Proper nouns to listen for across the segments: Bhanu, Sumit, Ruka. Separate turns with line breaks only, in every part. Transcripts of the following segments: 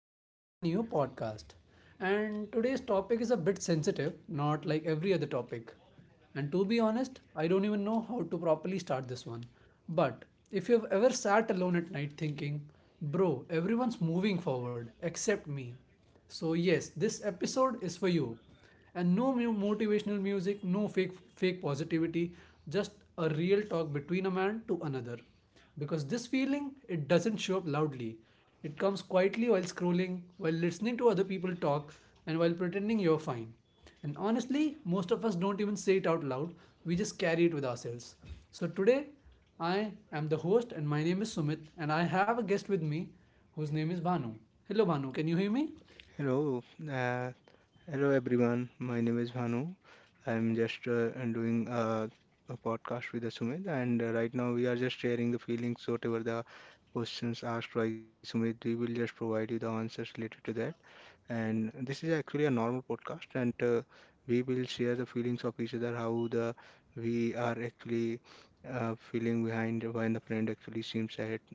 to a brand new podcast. And today's topic is a bit sensitive, not like every other topic. And to be honest, I don't even know how to properly start this one. But if you've ever sat alone at night thinking, bro, everyone's moving forward except me. So, yes, this episode is for you and no motivational music, no fake positivity, just a real talk between a man to another, because this feeling, it doesn't show up loudly, it comes quietly, while scrolling, while listening to other people talk, and while pretending you're fine. And honestly, most of us don't even say it out loud, we just carry it with ourselves. So today, I am the host and my name is Sumit, and I have a guest with me whose name is Bhanu. Hello Bhanu, can you hear me?
Hello, uh, hello everyone. My name is Bhanu. I'm just doing a podcast with Sumit, and right now we are just sharing the feelings, whatever the questions asked by Sumit. We will just provide you the answers related to that. And this is actually a normal podcast, and we will share the feelings of each other, how the we are actually feeling behind when the friend actually seems ahead.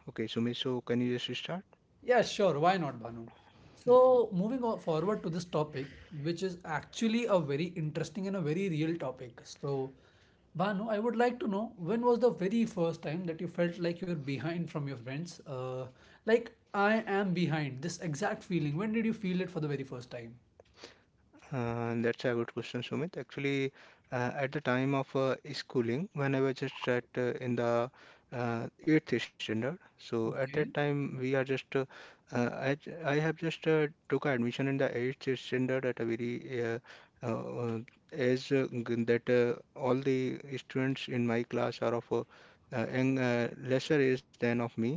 Okay, Sumit, so can you just start?
Yeah, sure. Why not, Banu? So, moving forward to this topic, which is actually a very interesting and a very real topic. So, Banu, I would like to know, when was the very first time that you felt like you're behind from your friends? Like, I am behind. This exact feeling. When did you feel it for the very first time?
That's a good question, Sumit. Actually, at the time of schooling, when I was just at in the eighth standard, so at that
Okay,
time we are just I I have just took a admission in the eighth standard at a very uh, age that all the students in my class are of young, lesser age than of me,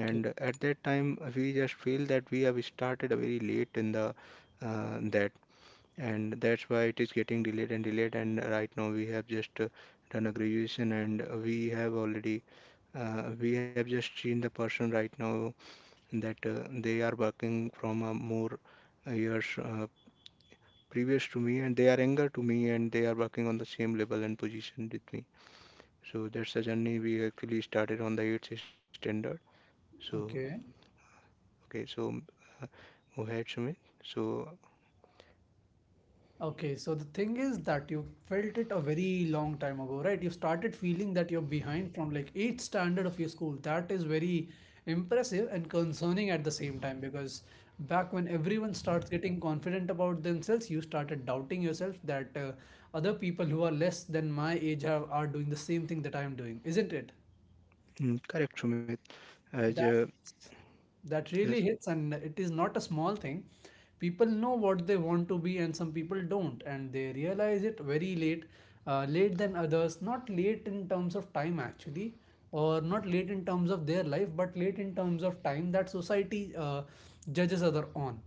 okay,
at that time we just feel that we have started a very late in the that and that's why it is getting delayed and delayed. And right now we have just done a graduation, and we have already we have just seen the person right now that they are working from a more years previous to me, and they are younger to me, and they are working on the same level and position with me. So that's the journey we actually started on the 8th standard. So
okay.
okay, so uh, go ahead, Sumit. So
Okay, so the thing is that you felt it a very long time ago, right? You started feeling that you're behind from like eighth standard of your school. That is very impressive and concerning at the same time, because back when everyone starts getting confident about themselves, you started doubting yourself that other people who are less than my age are doing the same thing that I'm doing, isn't it?
mm, correct, Sumit. As
That hits. That really
yes,
hits, and it is not a small thing. People know what they want to be, and some people don't, and they realize it very late, late than others. Not late in terms of time, actually, or not late in terms of their life, but late in terms of time that society judges other on.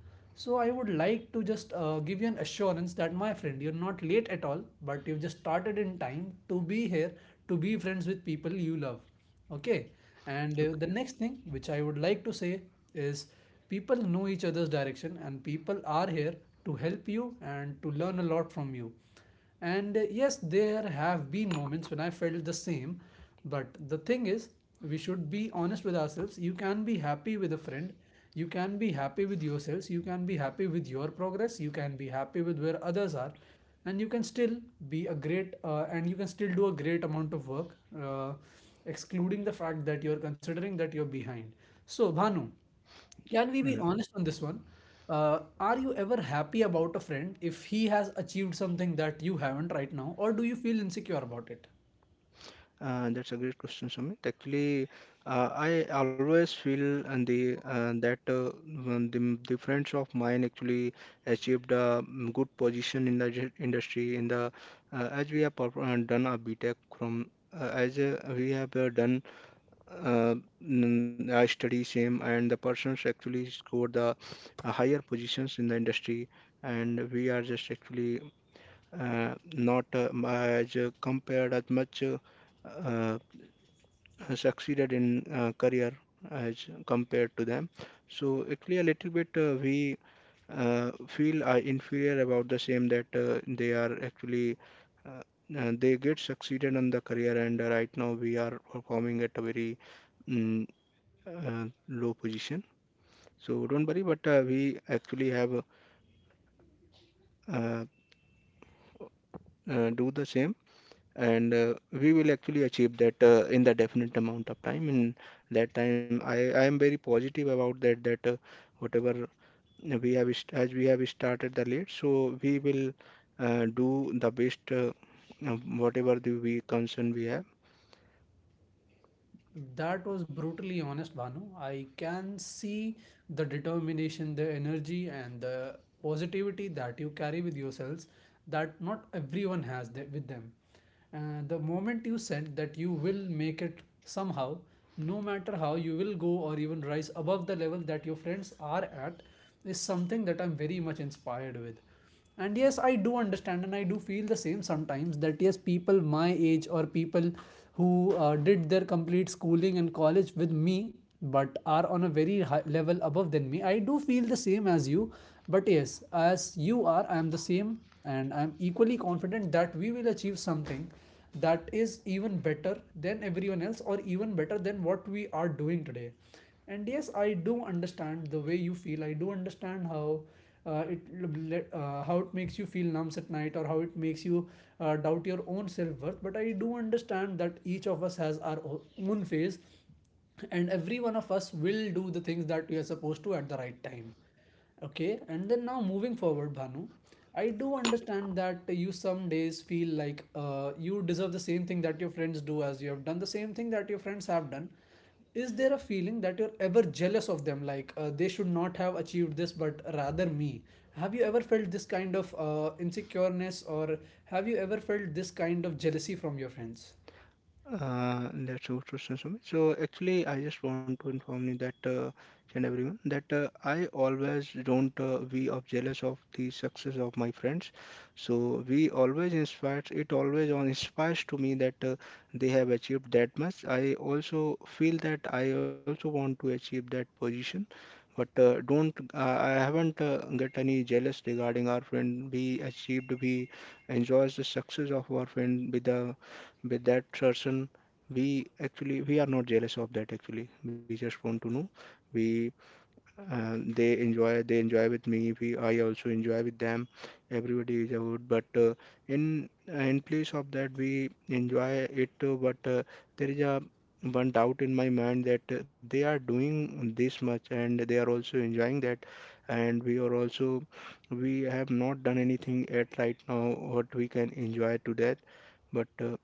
So I would like to just give you an assurance that, my friend, you're not late at all, but you've just started in time to be here, to be friends with people you love. Okay, and the
okay.
next thing which I would like to say is, people know each other's direction, and people are here to help you and to learn a lot from you. And yes, there have been moments when I felt the same, but the thing is, we should be honest with ourselves. You can be happy with a friend, you can be happy with yourselves, you can be happy with your progress, you can be happy with where others are, and you can still be a great and you can still do a great amount of work, uh, excluding the fact that you're considering that you're behind. So Bhanu, can we be
Uh,
honest on this one? Are you ever happy about a friend if he has achieved something that you haven't right now, or do you feel insecure about it?
That's a great question, Sumit. Actually, I always feel and the that when the friends of mine actually achieved a good position in the industry in the as we have done a B Tech from as we have done uh, I study same and the persons actually scored the higher positions in the industry and we are just actually not as compared as much. Uh, Succeeded in career as compared to them. So actually, a little bit we feel inferior about the same that they are actually uh, they get succeeded on the career, and right now we are performing at a very mm, low position. So don't worry, but we actually have uh, do the same. And we will actually achieve that in the definite amount of time. In that time, I am very positive about that, that whatever we have as we have started the lead, so we will do the best, uh, whatever the we concern we have.
That was brutally honest, Banu. I can see the determination, the energy, and the positivity that you carry with yourselves, that not everyone has with them. The moment you said that you will make it somehow, no matter how, you will go or even rise above the level that your friends are at, is something that I'm very much inspired with. And yes, I do understand and I do feel the same sometimes, that yes, people my age or people who did their complete schooling and college with me but are on a very high level above than me, I do feel the same as you. But yes, as you are, I am the same, and I am equally confident that we will achieve something that is even better than everyone else, or even better than what we are doing today. And yes, I do understand the way you feel. I do understand how how it makes you feel numbs at night, or how it makes you doubt your own self worth. But I do understand that each of us has our own phase, and every one of us will do the things that we are supposed to at the right time. Okay, and then now, moving forward Bhanu, I do understand that you some days feel like you deserve the same thing that your friends do, as you have done the same thing that your friends have done. Is there a feeling that you're ever jealous of them, like they should not have achieved this but rather me? Have you ever felt this kind of insecureness, or have you ever felt this kind of jealousy from your friends?
That's so true, Sir. So actually, I just want to inform you that and everyone that I always don't be of jealous of the success of my friends. So we always inspires it always on inspires to me that they have achieved that much. I also feel that I also want to achieve that position, but don't I haven't get any jealous regarding our friend. We enjoys the success of our friend with the with that person. We actually we are not jealous of that. Actually we just want to know we they enjoy with me. We I also enjoy with them. Everybody is out, but in place of that we enjoy it, but there is a one doubt in my mind that they are doing this much and they are also enjoying that, and we are also we have not done anything yet right now. What we can enjoy to that? But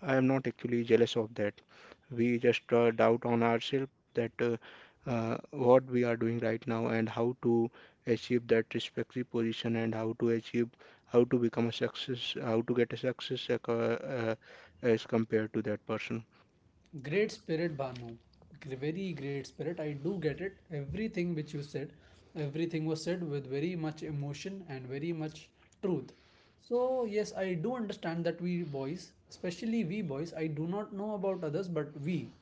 I am not actually jealous of that. We just doubt on ourselves that what we are doing right now and how to achieve that respective position and how to achieve, how to become a success, how to get a success, uh, as compared to that person.
Great spirit, Bhanu. Very great spirit. I do get it. Everything which you said, everything was said with very much emotion and very much truth. So, yes, I do understand that we boys, especially we boys, I do not know about others, but we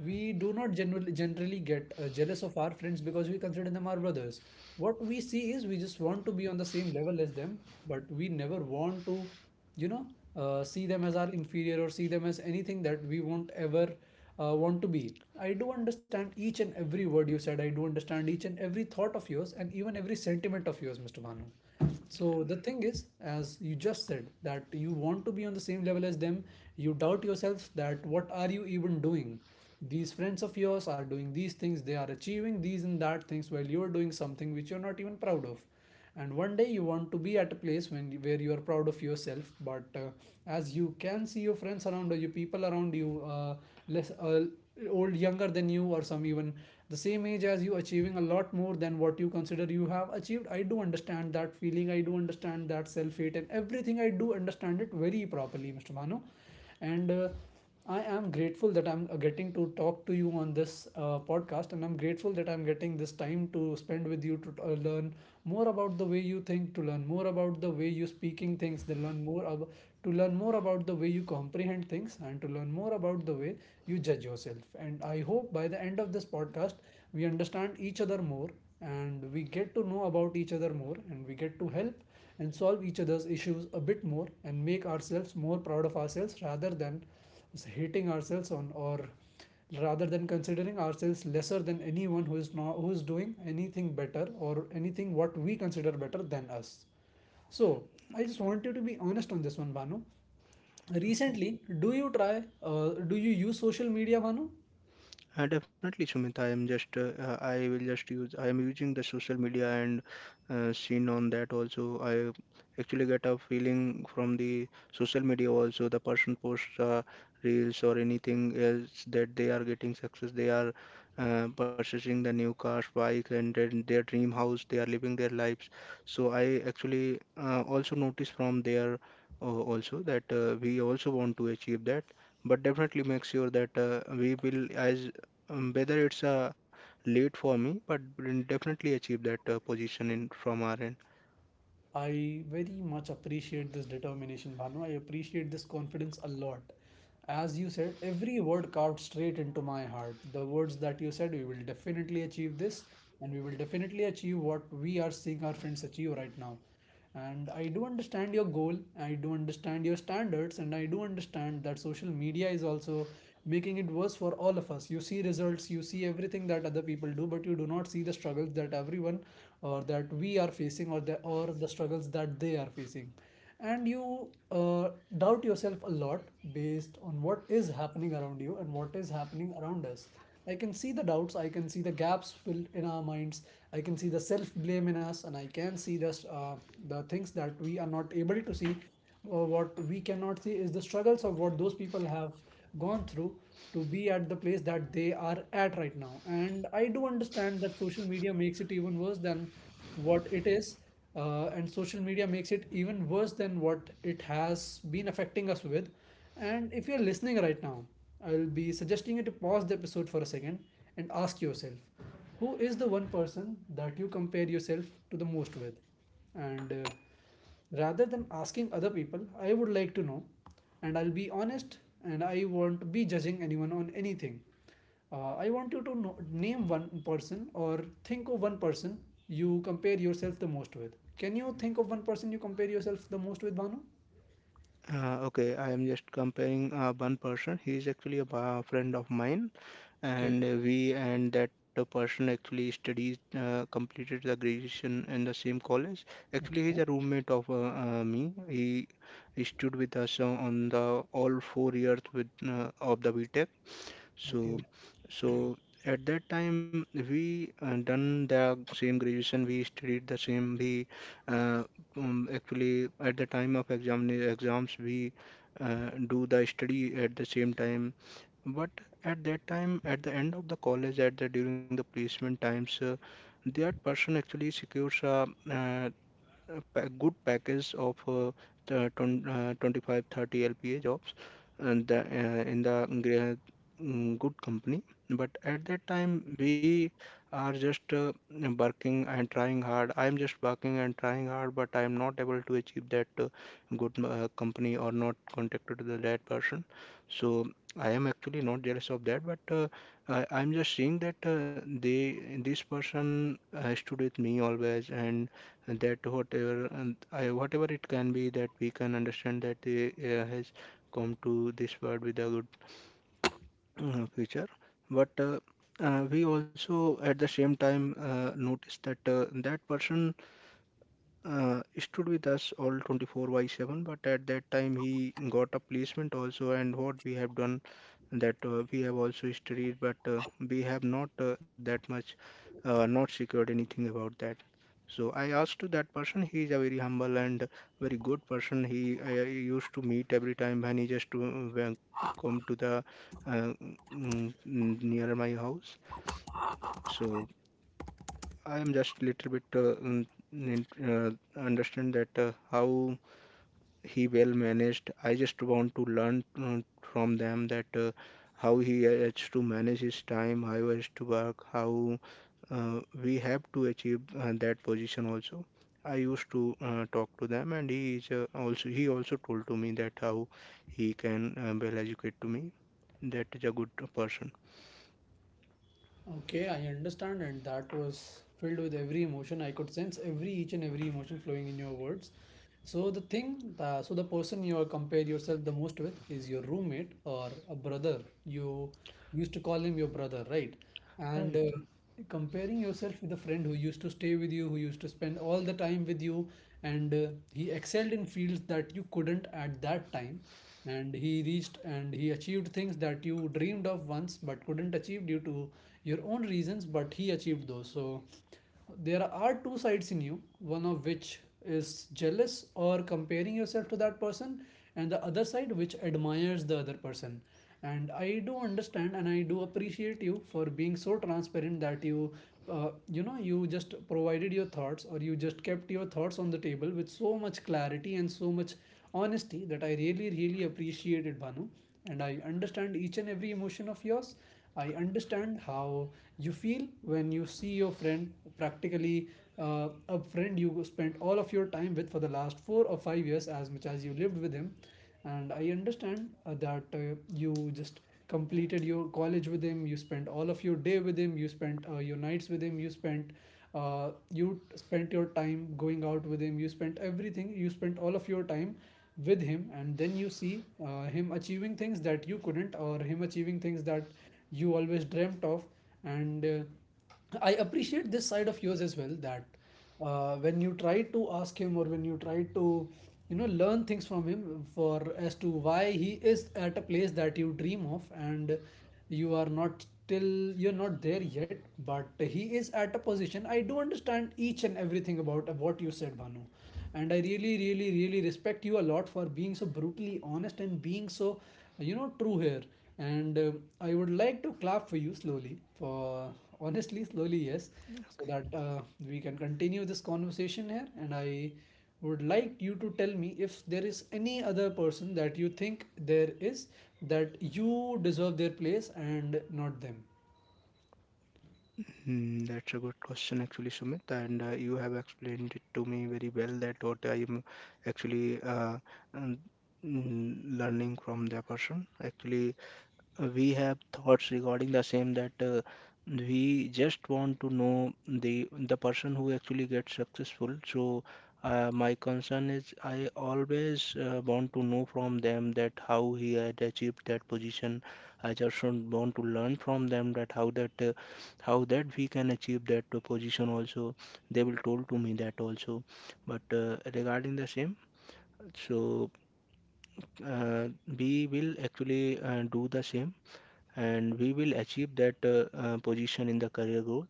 we do not generally get jealous of our friends, because we consider them our brothers. What we see is, we just want to be on the same level as them, but we never want to, you know, see them as our inferior, or see them as anything that we won't ever want to be. I do understand each and every word you said, I do understand each and every thought of yours, and even every sentiment of yours, Mr. Manu. So the thing is, as you just said, that you want to be on the same level as them, you doubt yourself that what are you even doing. These friends of yours are doing these things, they are achieving these and that things, while you're doing something which you're not even proud of. And one day you want to be at a place when where you are proud of yourself, but as you can see your friends around or your people around you, less old, younger than you, or some even the same age as you, achieving a lot more than what you consider you have achieved. I do understand that feeling, I do understand that self hate and everything. I do understand it very properly, Mr. Mano. And I am grateful that I'm getting to talk to you on this podcast, and I'm grateful that I'm getting this time to spend with you, to learn more about the way you think, to learn more about the way you speaking things, to learn more about the way you comprehend things, and to learn more about the way you judge yourself. And I hope by the end of this podcast, we understand each other more, and we get to know about each other more, and we get to help and solve each other's issues a bit more, and make ourselves more proud of ourselves, rather than hating ourselves on, or rather than considering ourselves lesser than anyone who is not, who is doing anything better, or anything what we consider better than us. So, I just want you to be honest on this one, Banu.
Okay.
Recently, do you try, do you use social media, Bhanu?
Definitely, Sumit. I am just, I will just use, I am using the social media and seen on that also. I actually get a feeling from the social media also. The person posts reels or anything else that they are getting success. They are purchasing the new cars, bikes, and then their dream house. They are living their lives. So I actually also notice from there also that we also want to achieve that, but definitely make sure that we will as whether it's late for me, but we'll definitely achieve that position in from our end.
I very much appreciate this determination, Bhanu. I appreciate this confidence a lot. As you said, every word carved straight into my heart. The words that you said, we will definitely achieve this, and we will definitely achieve what we are seeing our friends achieve right now. And I do understand your goal, I do understand your standards, and I do understand that social media is also making it worse for all of us. You see results, you see everything that other people do, but you do not see the struggles that everyone, or the struggles that they are facing. And you doubt yourself a lot based on what is happening around you and what is happening around us. I can see the doubts, I can see the gaps filled in our minds, I can see the self blame in us, and I can see the things that we are not able to see. Uh, what we cannot see is the struggles of what those people have gone through to be at the place that they are at right now. And I do understand that social media makes it even worse than what it is, and social media makes it even worse than what it has been affecting us with. And if you're listening right now, I'll be suggesting you to pause the episode for a second and ask yourself, who is the one person that you compare yourself to the most with? And Rather than asking other people, I would like to know, and I'll be honest, and I won't be judging anyone on anything. I want you to know, name one person or think of one person you compare yourself the most with. Can you think of one person you compare yourself the most with, Banu?
Okay, I am just comparing one person. He is actually a friend of mine,
Okay,
and we and that person actually studies completed the graduation in the same college. Actually, he's a
okay,
roommate of me. He stood with us on the all 4 years with of the BTech. So,
okay.
so at that time we done the same graduation, we studied the same. We uh, actually at the time of exams we do the study at the same time. But at that time, at the end of the college, at the during the placement times, that person actually secures uh, a good package of the 20, 25 LPA jobs and the, in the good company. But at that time we are just working and trying hard. I am just working and trying hard, but I am not able to achieve that good company or not contacted to the that person. So I am actually not jealous of that, but I'm just seeing that they this person stood with me always, and that whatever, and whatever it can be that we can understand that they has come to this world with a good future. But we also at the same time notice that that person stood with us all 24 by 7, but at that time he got a placement also. And what we have done, that we have also studied, but we have not that much not secured anything about that. So I asked to that person, he is a very humble and very good person. I used to meet every time when he just to, when come to the uh, mm, near my house. So I am just a little bit uh, understand that how he well managed. I just want to learn from them that how he has to manage his time, how he has to work, how we have to achieve that position also. I used to talk to them, and he is also he also told to me that how he can well educate to me. That is a good person.
Okay, I understand, and that was filled with every emotion. I could sense every each and every emotion flowing in your words. So the person you compare yourself the most with is your roommate or a brother. You used to call him your brother, right?
Uh,
And comparing yourself with a friend who used to stay with you, who used to spend all the time with you, and he excelled in fields that you couldn't at that time, and he reached and he achieved things that you dreamed of once but couldn't achieve due to your own reasons, but he achieved those. So there are two sides in you, one of which is jealous or comparing yourself to that person, and the other side which admires the other person. And I do understand, and I do appreciate you for being so transparent that you just provided your thoughts, or you just kept your thoughts on the table with so much clarity and so much honesty that I really really appreciated, Banu. And I understand each and every emotion of yours. I understand how you feel when you see your friend, practically a friend you spent all of your time with for the last 4 or 5 years, as much as you lived with him. And I understand that you just completed your college with him, you spent all of your day with him, you spent your nights with him, you spent you spent your time going out with him, you spent everything, you spent all of your time with him, and then you see him achieving things that you couldn't, or him achieving things that you always dreamt of. And I appreciate this side of yours as well, that when you try to ask him, or when you try to learn things from him, for as to why he is at a place that you dream of and you are not till you're not there yet, but he is at a position. I do understand each and everything about what you said, Bhanu. And I really really really respect you a lot for being so brutally honest and being so true here. And I would like to clap for you slowly, for honestly slowly, yes, so that we can continue this conversation here. And I would like you to tell me if there is any other person that you think there is that you deserve their place and not them.
Hmm, that's a good question, actually, Sumit. And you have explained it to me very well that what I'm actually um, learning from the person. Actually, we have thoughts regarding the same that we just want to know the person who actually gets successful. So my concern is I always want to know from them that how he had achieved that position. I just don't want to learn from them that how that how that we can achieve that position also. They will told to me that also. But regarding the same, so uh, we will actually do the same, and we will achieve that position in the career growth.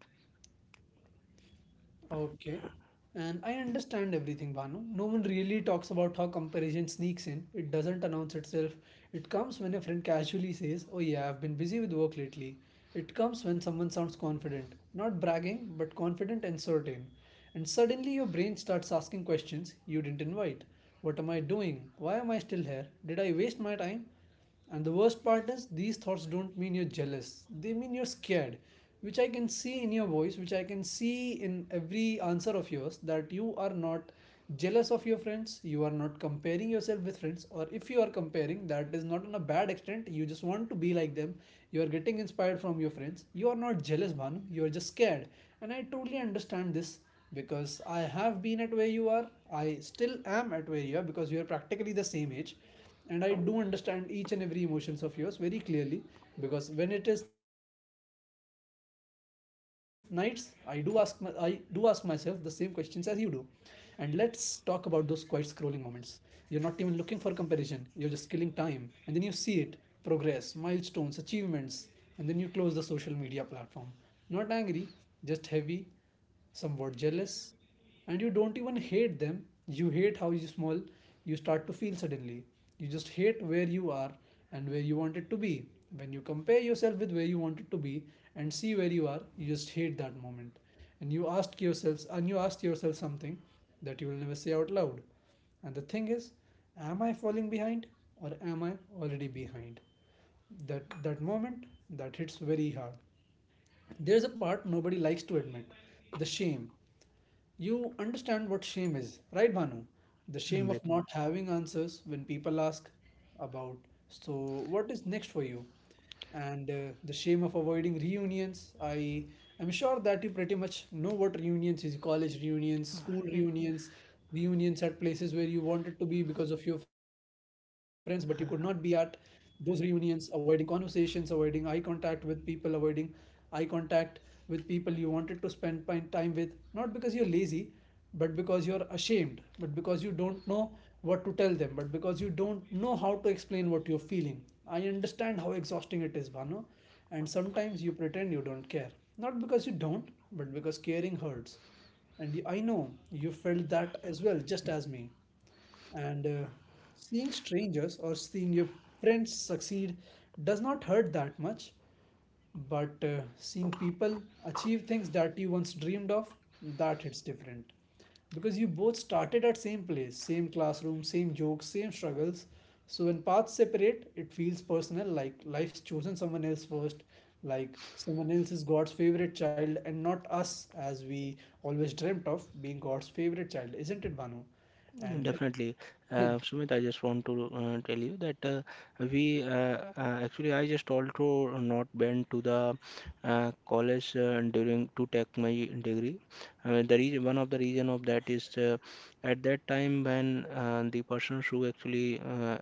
Okay. And I understand everything, Bhanu. No one really talks about how comparison sneaks in. It doesn't announce itself. It comes when a friend casually says, "Oh, yeah, I've been busy with work lately." It comes when someone sounds confident, not bragging, but confident and certain. And suddenly your brain starts asking questions you didn't invite. What am I doing? Why am I still here? Did I waste my time? And the worst part is, these thoughts don't mean you're jealous, they mean you're scared, which I can see in your voice, which I can see in every answer of yours, that you are not jealous of your friends, you are not comparing yourself with friends, or if you are comparing, that is not on a bad extent, you just want to be like them, you are getting inspired from your friends, you are not jealous, Bhanu, you are just scared. And I totally understand this because I have been at where you are, I still am at where you are, because we are practically the same age, and I do understand each and every emotions of yours very clearly. Because when it is nights, I do ask myself the same questions as you do. And let's talk about those quiet scrolling moments. You're not even looking for comparison, you're just killing time, and then you see it: progress, milestones, achievements. And then you close the social media platform, not angry, just heavy, somewhat jealous. And you don't even hate them, you hate how you small you start to feel suddenly. You just hate where you are and where you wanted to be. When you compare yourself with where you wanted to be and see where you are, you just hate that moment. And you ask yourselves, and you ask yourself something that you will never say out loud. And the thing is, am I falling behind, or am I already behind? That moment, that hits very hard. There's a part nobody likes to admit: the shame. You understand what shame is, right, Bhanu? The shame
But,
of not having answers when people ask about, so what is next for you? And the shame of avoiding reunions. I am sure that you pretty much know what reunions is, college reunions, school
uh,
reunions, reunions at places where you wanted to be because of your friends, but you could not be at those reunions, avoiding conversations, avoiding eye contact with people, avoiding eye contact with people you wanted to spend time with, not because you're lazy, but because you're ashamed, but because you don't know what to tell them, but because you don't know how to explain what you're feeling. I understand how exhausting it is, Bhanu, and sometimes you pretend you don't care. Not because you don't, but because caring hurts. And I know you felt that as well, just as me. And seeing strangers or seeing your friends succeed does not hurt that much, but seeing people achieve things that you once dreamed of, that hits different. Because you both started at same place, same classroom, same jokes, same struggles. So when paths separate, it feels personal, like life's chosen someone else first, like someone else is God's favorite child and not us, as we always dreamt of being God's favorite child, isn't it, Banu? And
definitely. Sumit, I just want to tell you that we actually I just also not been to the college during to take my degree. The reason, one of the reason of that is at that time when the persons who actually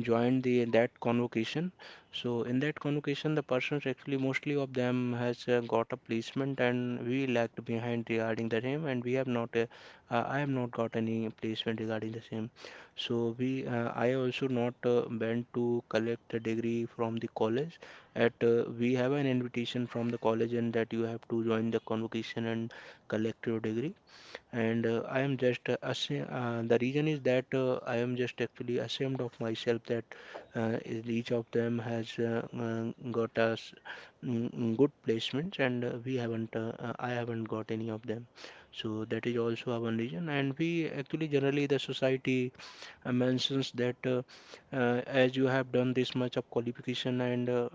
joined the that convocation. So in that convocation, the persons actually mostly of them has got a placement and we lagged behind regarding the him and we have not I have not got any placement regarding the same. So we I also not went to collect the degree from the college. At we have an invitation from the college and that you have to join the convocation and collect your degree. And I am just the reason is that I am just actually ashamed of myself that each of them has got us good placements and we haven't I haven't got any of them. So that is also our one reason, and we actually generally the society mentions that as you have done this much of qualification and uh,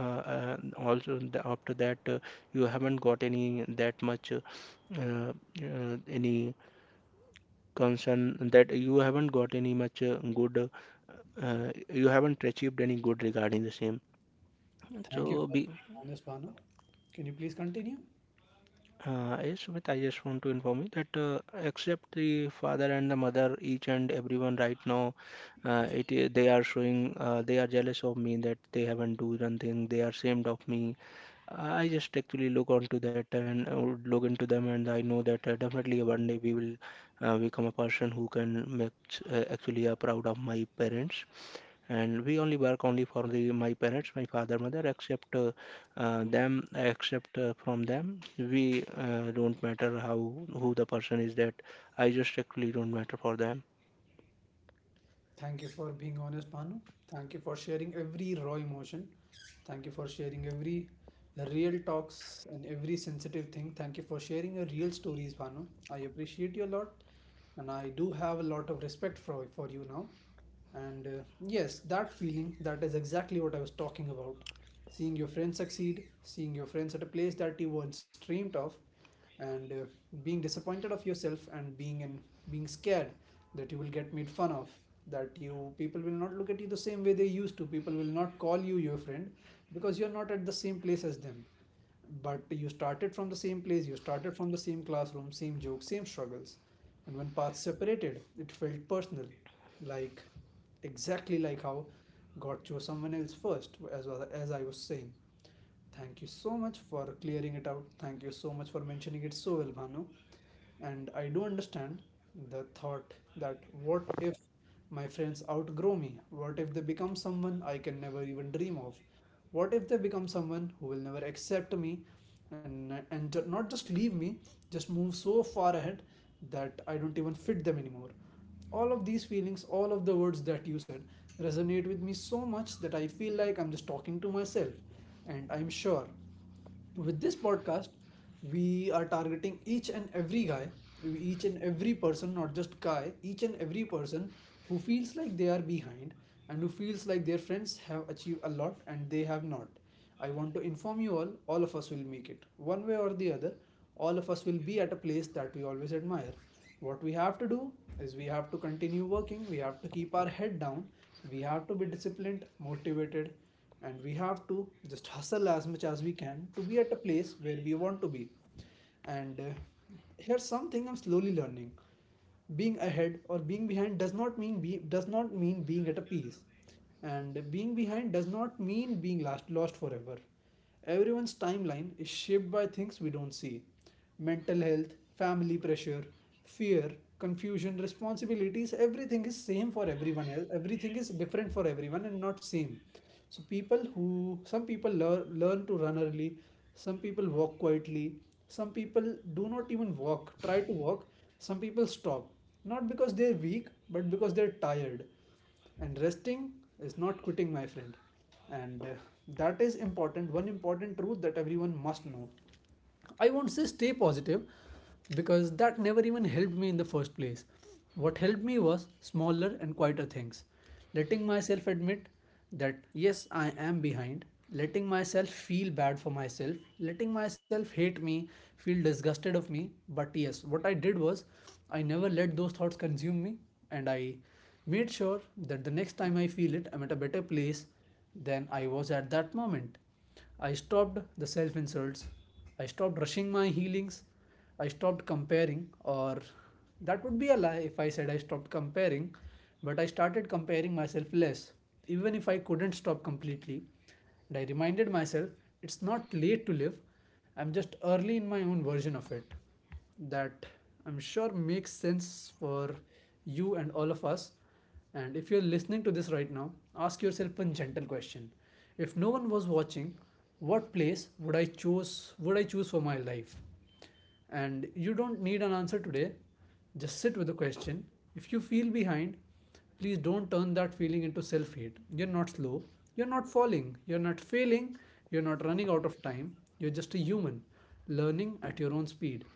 uh, uh, also the, after that you haven't got any that much uh, any concern that you haven't got any much good, you haven't achieved any good regarding the same,
thank you
so
for being honest, Banu. Can you please continue?
uh, yes, Sumit, I just want to inform you that except the father and the mother, each and everyone right now, it they are showing they are jealous of me that they haven't do something. They are ashamed of me. I just actually look onto that and I would look into them, and I know that definitely one day we will become a person who can make actually proud of my parents. And we only work only for the my parents, my father mother, except from them we don't matter how, who the person is, that I just actually don't matter for them.
Thank you for being honest, Banu. Thank you for sharing every raw emotion. Thank you for sharing every real talks and every sensitive thing. Thank you for sharing your real stories, Banu. I appreciate you a lot, and I do have a lot of respect for you now. And yes, that feeling, that is exactly what I was talking about. Seeing your friends succeed, seeing your friends at a place that you once dreamed of, and being disappointed of yourself, and being scared that you will get made fun of, that you people will not look at you the same way they used to. People will not call you your friend because you're not at the same place as them, but you started from the same place, you started from the same classroom, same jokes, same struggles. And when paths separated, it felt personal, like, exactly like how god chose someone else first, as well as I was saying. Thank you so much for clearing it out, thank you so much for mentioning it so well, Bhanu. And I do understand the thought that, what if my friends outgrow me? What if they become someone I can never even dream of? What if they become someone who will never accept me, and not just leave me, just move so far ahead that I don't even fit them anymore? All of these feelings, all of the words that you said, resonate with me so much that I feel like I'm just talking to myself. And I'm sure with this podcast we are targeting each and every guy, each and every person, not just guy, each and every person who feels like they are behind and who feels like their friends have achieved a lot and they have not. I want to inform you all of us will make it one way or the other. All of us will be at a place that we always admire. What we have to do is we have to continue working, we have to keep our head down, we have to be disciplined, motivated, and we have to just hustle as much as we can to be at a place where we want to be. And Here's something I'm slowly learning: being ahead or being behind does not mean does not mean being at a peace, and being behind does not mean being lost forever. Everyone's timeline is shaped by things we don't see: mental health, family pressure, fear, confusion, responsibilities. Everything is same for everyone else, everything is different for everyone and not same. So people who some people learn to run early, some people walk quietly, some people do not even walk, try to walk, some people stop, not because they're weak but because they're tired. And resting is not quitting, my friend. And That is important, one important truth that everyone must know. I won't say stay positive, because that never even helped me in the first place. What helped me was smaller and quieter things. Letting myself admit that yes, I am behind, letting myself feel bad for myself, letting myself hate me, feel disgusted of me. But yes, what I did was I never let those thoughts consume me, and I made sure that the next time I feel it, I'm at a better place than I was at that moment. I stopped the self insults. I stopped rushing my healings. I stopped comparing. Or that would be a lie if I said I stopped comparing, but I started comparing myself less, even if I couldn't stop completely. And I reminded myself it's not late to live, I'm just early in my own version of it. That I'm sure makes sense for you and all of us. And if you're listening to this right now, ask yourself one gentle question. If no one was watching, what place would I choose for my life? And you don't need an answer today. Just sit with the question. If you feel behind, please don't turn that feeling into self hate. You're not slow. You're not falling. You're not failing. You're not running out of time. You're just a human learning at your own speed,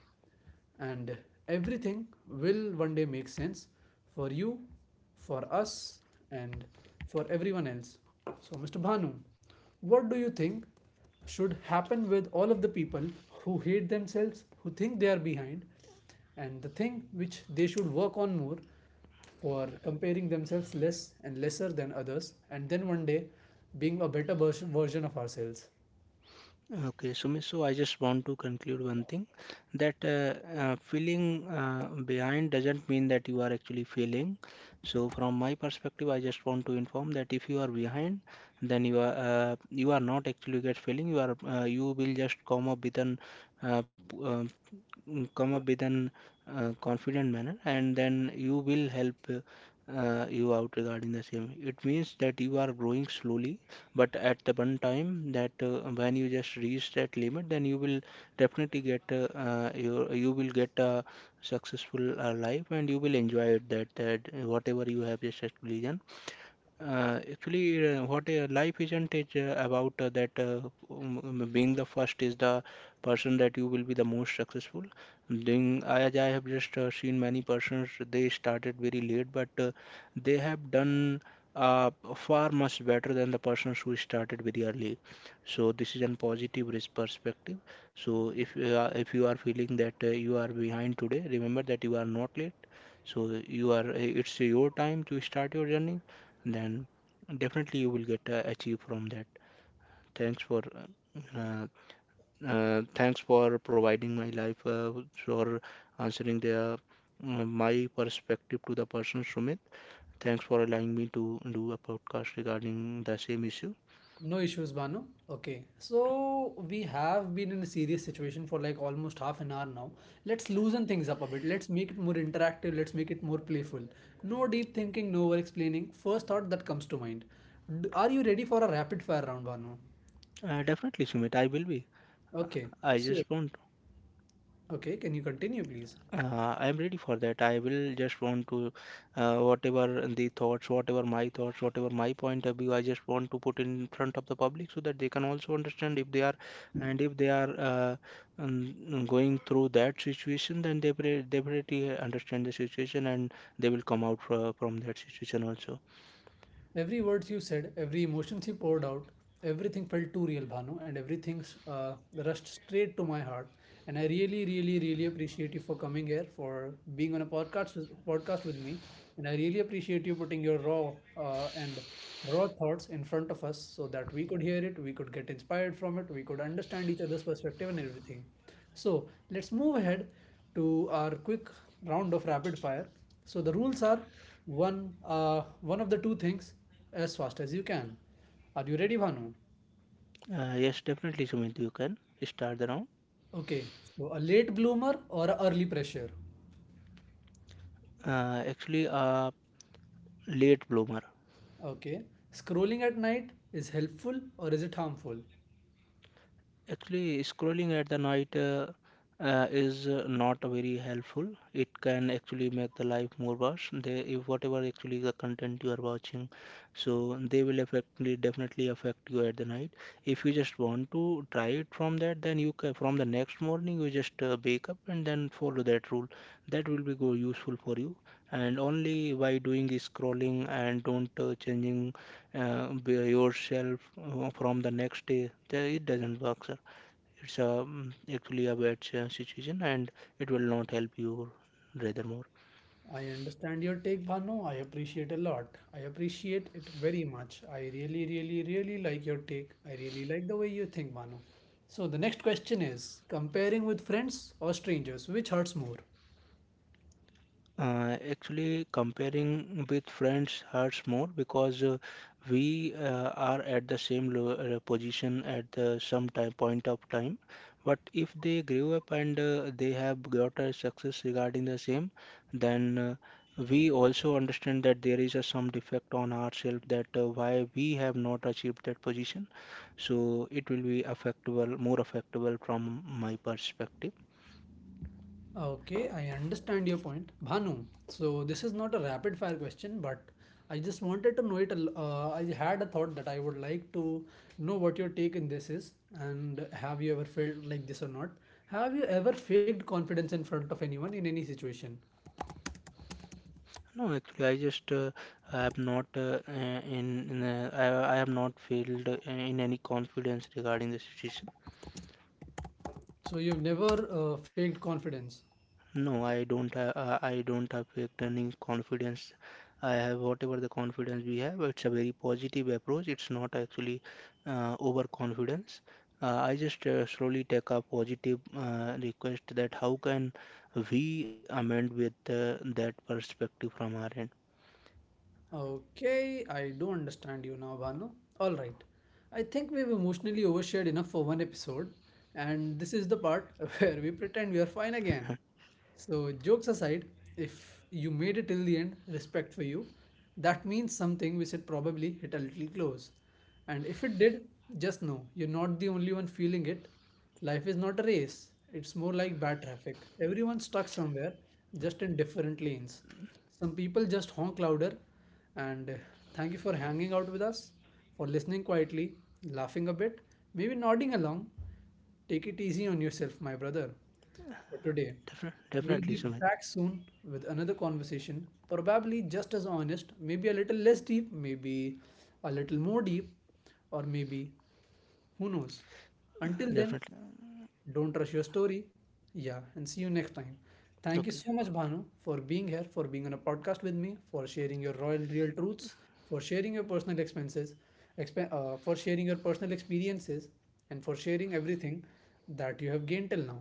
and everything will one day make sense for you, for us, and for everyone else. So, Mr. Bhanu, what do you think should happen with all of the people who hate themselves, who think they are behind, and the thing which they should work on more for comparing themselves less and lesser than others, and then one day being a better version of ourselves?
Okay, so miss, so I just want to conclude one thing, that feeling behind doesn't mean that you are actually failing. So from my perspective, I just want to inform that if you are behind, then you are not actually get failing. You will just come up with an uh, p- uh, come up with an confident manner, and then you will help you out regarding the same. It means that you are growing slowly, but at the one time that when you just reach that limit, then you will definitely get your, you will get a successful life and you will enjoy it. That whatever you have just actually done, actually, what life isn't is about that being the first is the person that you will be the most successful. Then, as I have just seen many persons, they started very late, but they have done far much better than the persons who started very early. So, this is a positive risk perspective. So, if you are feeling that you are behind today, remember that you are not late. So, you are it's your time to start your journey, then definitely you will get achieve from that. Thanks for uh, thanks for providing my life for answering the my perspective to the person Sumit. Thanks for allowing me to do a podcast regarding the same issue.
No issues, Banu. Okay. So we have been in a serious situation for like almost half an hour now. Let's loosen things up a bit. Let's make it more interactive. Let's make it more playful. No deep thinking, no over explaining. First thought that comes to mind. Are you ready for a rapid fire round, Banu?
Definitely, Sumit, I will be.
Okay.
I
So,
just want,
okay, can you continue, please?
I'm ready for that. I will just want to, whatever the thoughts, whatever my point of view, I just want to put in front of the public so that they can also understand if they are, and if they are going through that situation, then they definitely understand the situation and they will come out from that situation also.
Every words you said, every emotions you poured out, everything felt too real, Bhanu, and everything rushed straight to my heart. And I really, really, really appreciate you for coming here, for being on a podcast with me. And I really appreciate you putting your raw and raw thoughts in front of us so that we could hear it, we could get inspired from it, we could understand each other's perspective and everything. So let's move ahead to our quick round of rapid fire. So the rules are one, one of the two things as fast as you can. Are you ready, Bhanu?
Yes, definitely, Sumit, you can start the round.
Okay, so a late bloomer or a early pressure?
Actually, a late bloomer.
Okay, scrolling at night is helpful or is it harmful?
Actually, scrolling at the night is not very helpful. It can actually make the life more worse. They, if whatever actually the content you are watching, so they will affectly definitely affect you at the night. If you just want to try it from that, then you can from the next morning you just wake up and then follow that rule. That will be go useful for you. And only by doing is scrolling and don't changing be yourself from the next day. It doesn't work sir. It's a, actually a bad situation, and it will not help you rather more.
I understand your take, Bhanu. I appreciate a lot. I appreciate it very much. I really, really, really like your take. I really like the way you think, Bhanu. So the next question is comparing with friends or strangers, which hurts more?
Actually, comparing with friends hurts more, because we are at the same lo position at the some time point of time. But if they grew up and they have got a success regarding the same, then we also understand that there is a some defect on ourselves that why we have not achieved that position. So it will be affectable, more affectable from my perspective.
Okay, I understand your point. Bhanu, so this is not a rapid fire question, but I just wanted to know it. I had a thought that I would like to know what your take in this is, and have you ever felt like this or not? Have you ever faked confidence in front of anyone in any situation?
No, actually, I just I have not in I have not felt in any confidence regarding the situation.
So you've never faked confidence.
No, I don't have felt any confidence. I have whatever the confidence we have. It's a very positive approach. It's not actually overconfidence. I just slowly take a positive request that how can we amend with that perspective from our end.
Okay, I do understand you now, Bhanu. All right. I think we've emotionally overshared enough for one episode, and this is the part where we pretend we are fine again. So, jokes aside, if you made it till the end, respect for you. That means something we should probably hit a little close. And if it did, just know you're not the only one feeling it. Life is not a race, it's more like bad traffic. Everyone's stuck somewhere, just in different lanes. Some people just honk louder, and thank you for hanging out with us, for listening quietly, laughing a bit, maybe nodding along. Take it easy on yourself, my brother, for today. We'll
Definitely,
be
Sumit.
back soon with another conversation, probably just as honest, maybe a little less deep, maybe a little more deep, or maybe who knows. Until then,
Definitely.
don't rush your story. Yeah, and see you next time. Thank you
Okay.
so much, Bhanu, for being here, for being on a podcast with me, for sharing your raw and real truths, for sharing your personal for sharing your personal experiences, and for sharing everything that you have gained till now.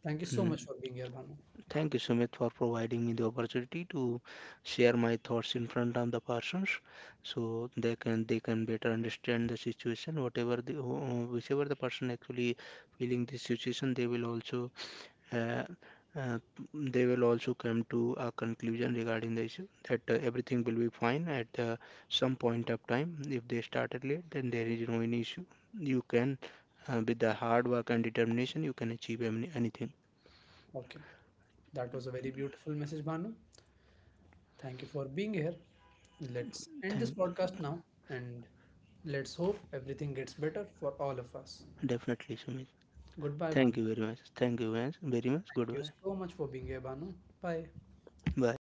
Thank you so
Mm.
much for being here, Bhanu.
Thank you, Sumit, for providing me the opportunity to share my thoughts in front of the persons, so they can better understand the situation. Whatever the whichever the person actually feeling this situation, uh, uh, they will also come to a conclusion regarding the issue that everything will be fine at some point of time. If they started late, then there is no any issue. You can with the hard work and determination, you can achieve any, anything.
Okay, that was a very beautiful message, Bhanu. Thank you for being here. Let's end this
Thank
podcast now, and let's hope everything gets better for all of us.
definitely, Sumit.
Goodbye,
Thank
Bhanu.
you very much. Thank you very much.
Thank you
Goodbye.
so much for being here, Banu. Bye.
Bye.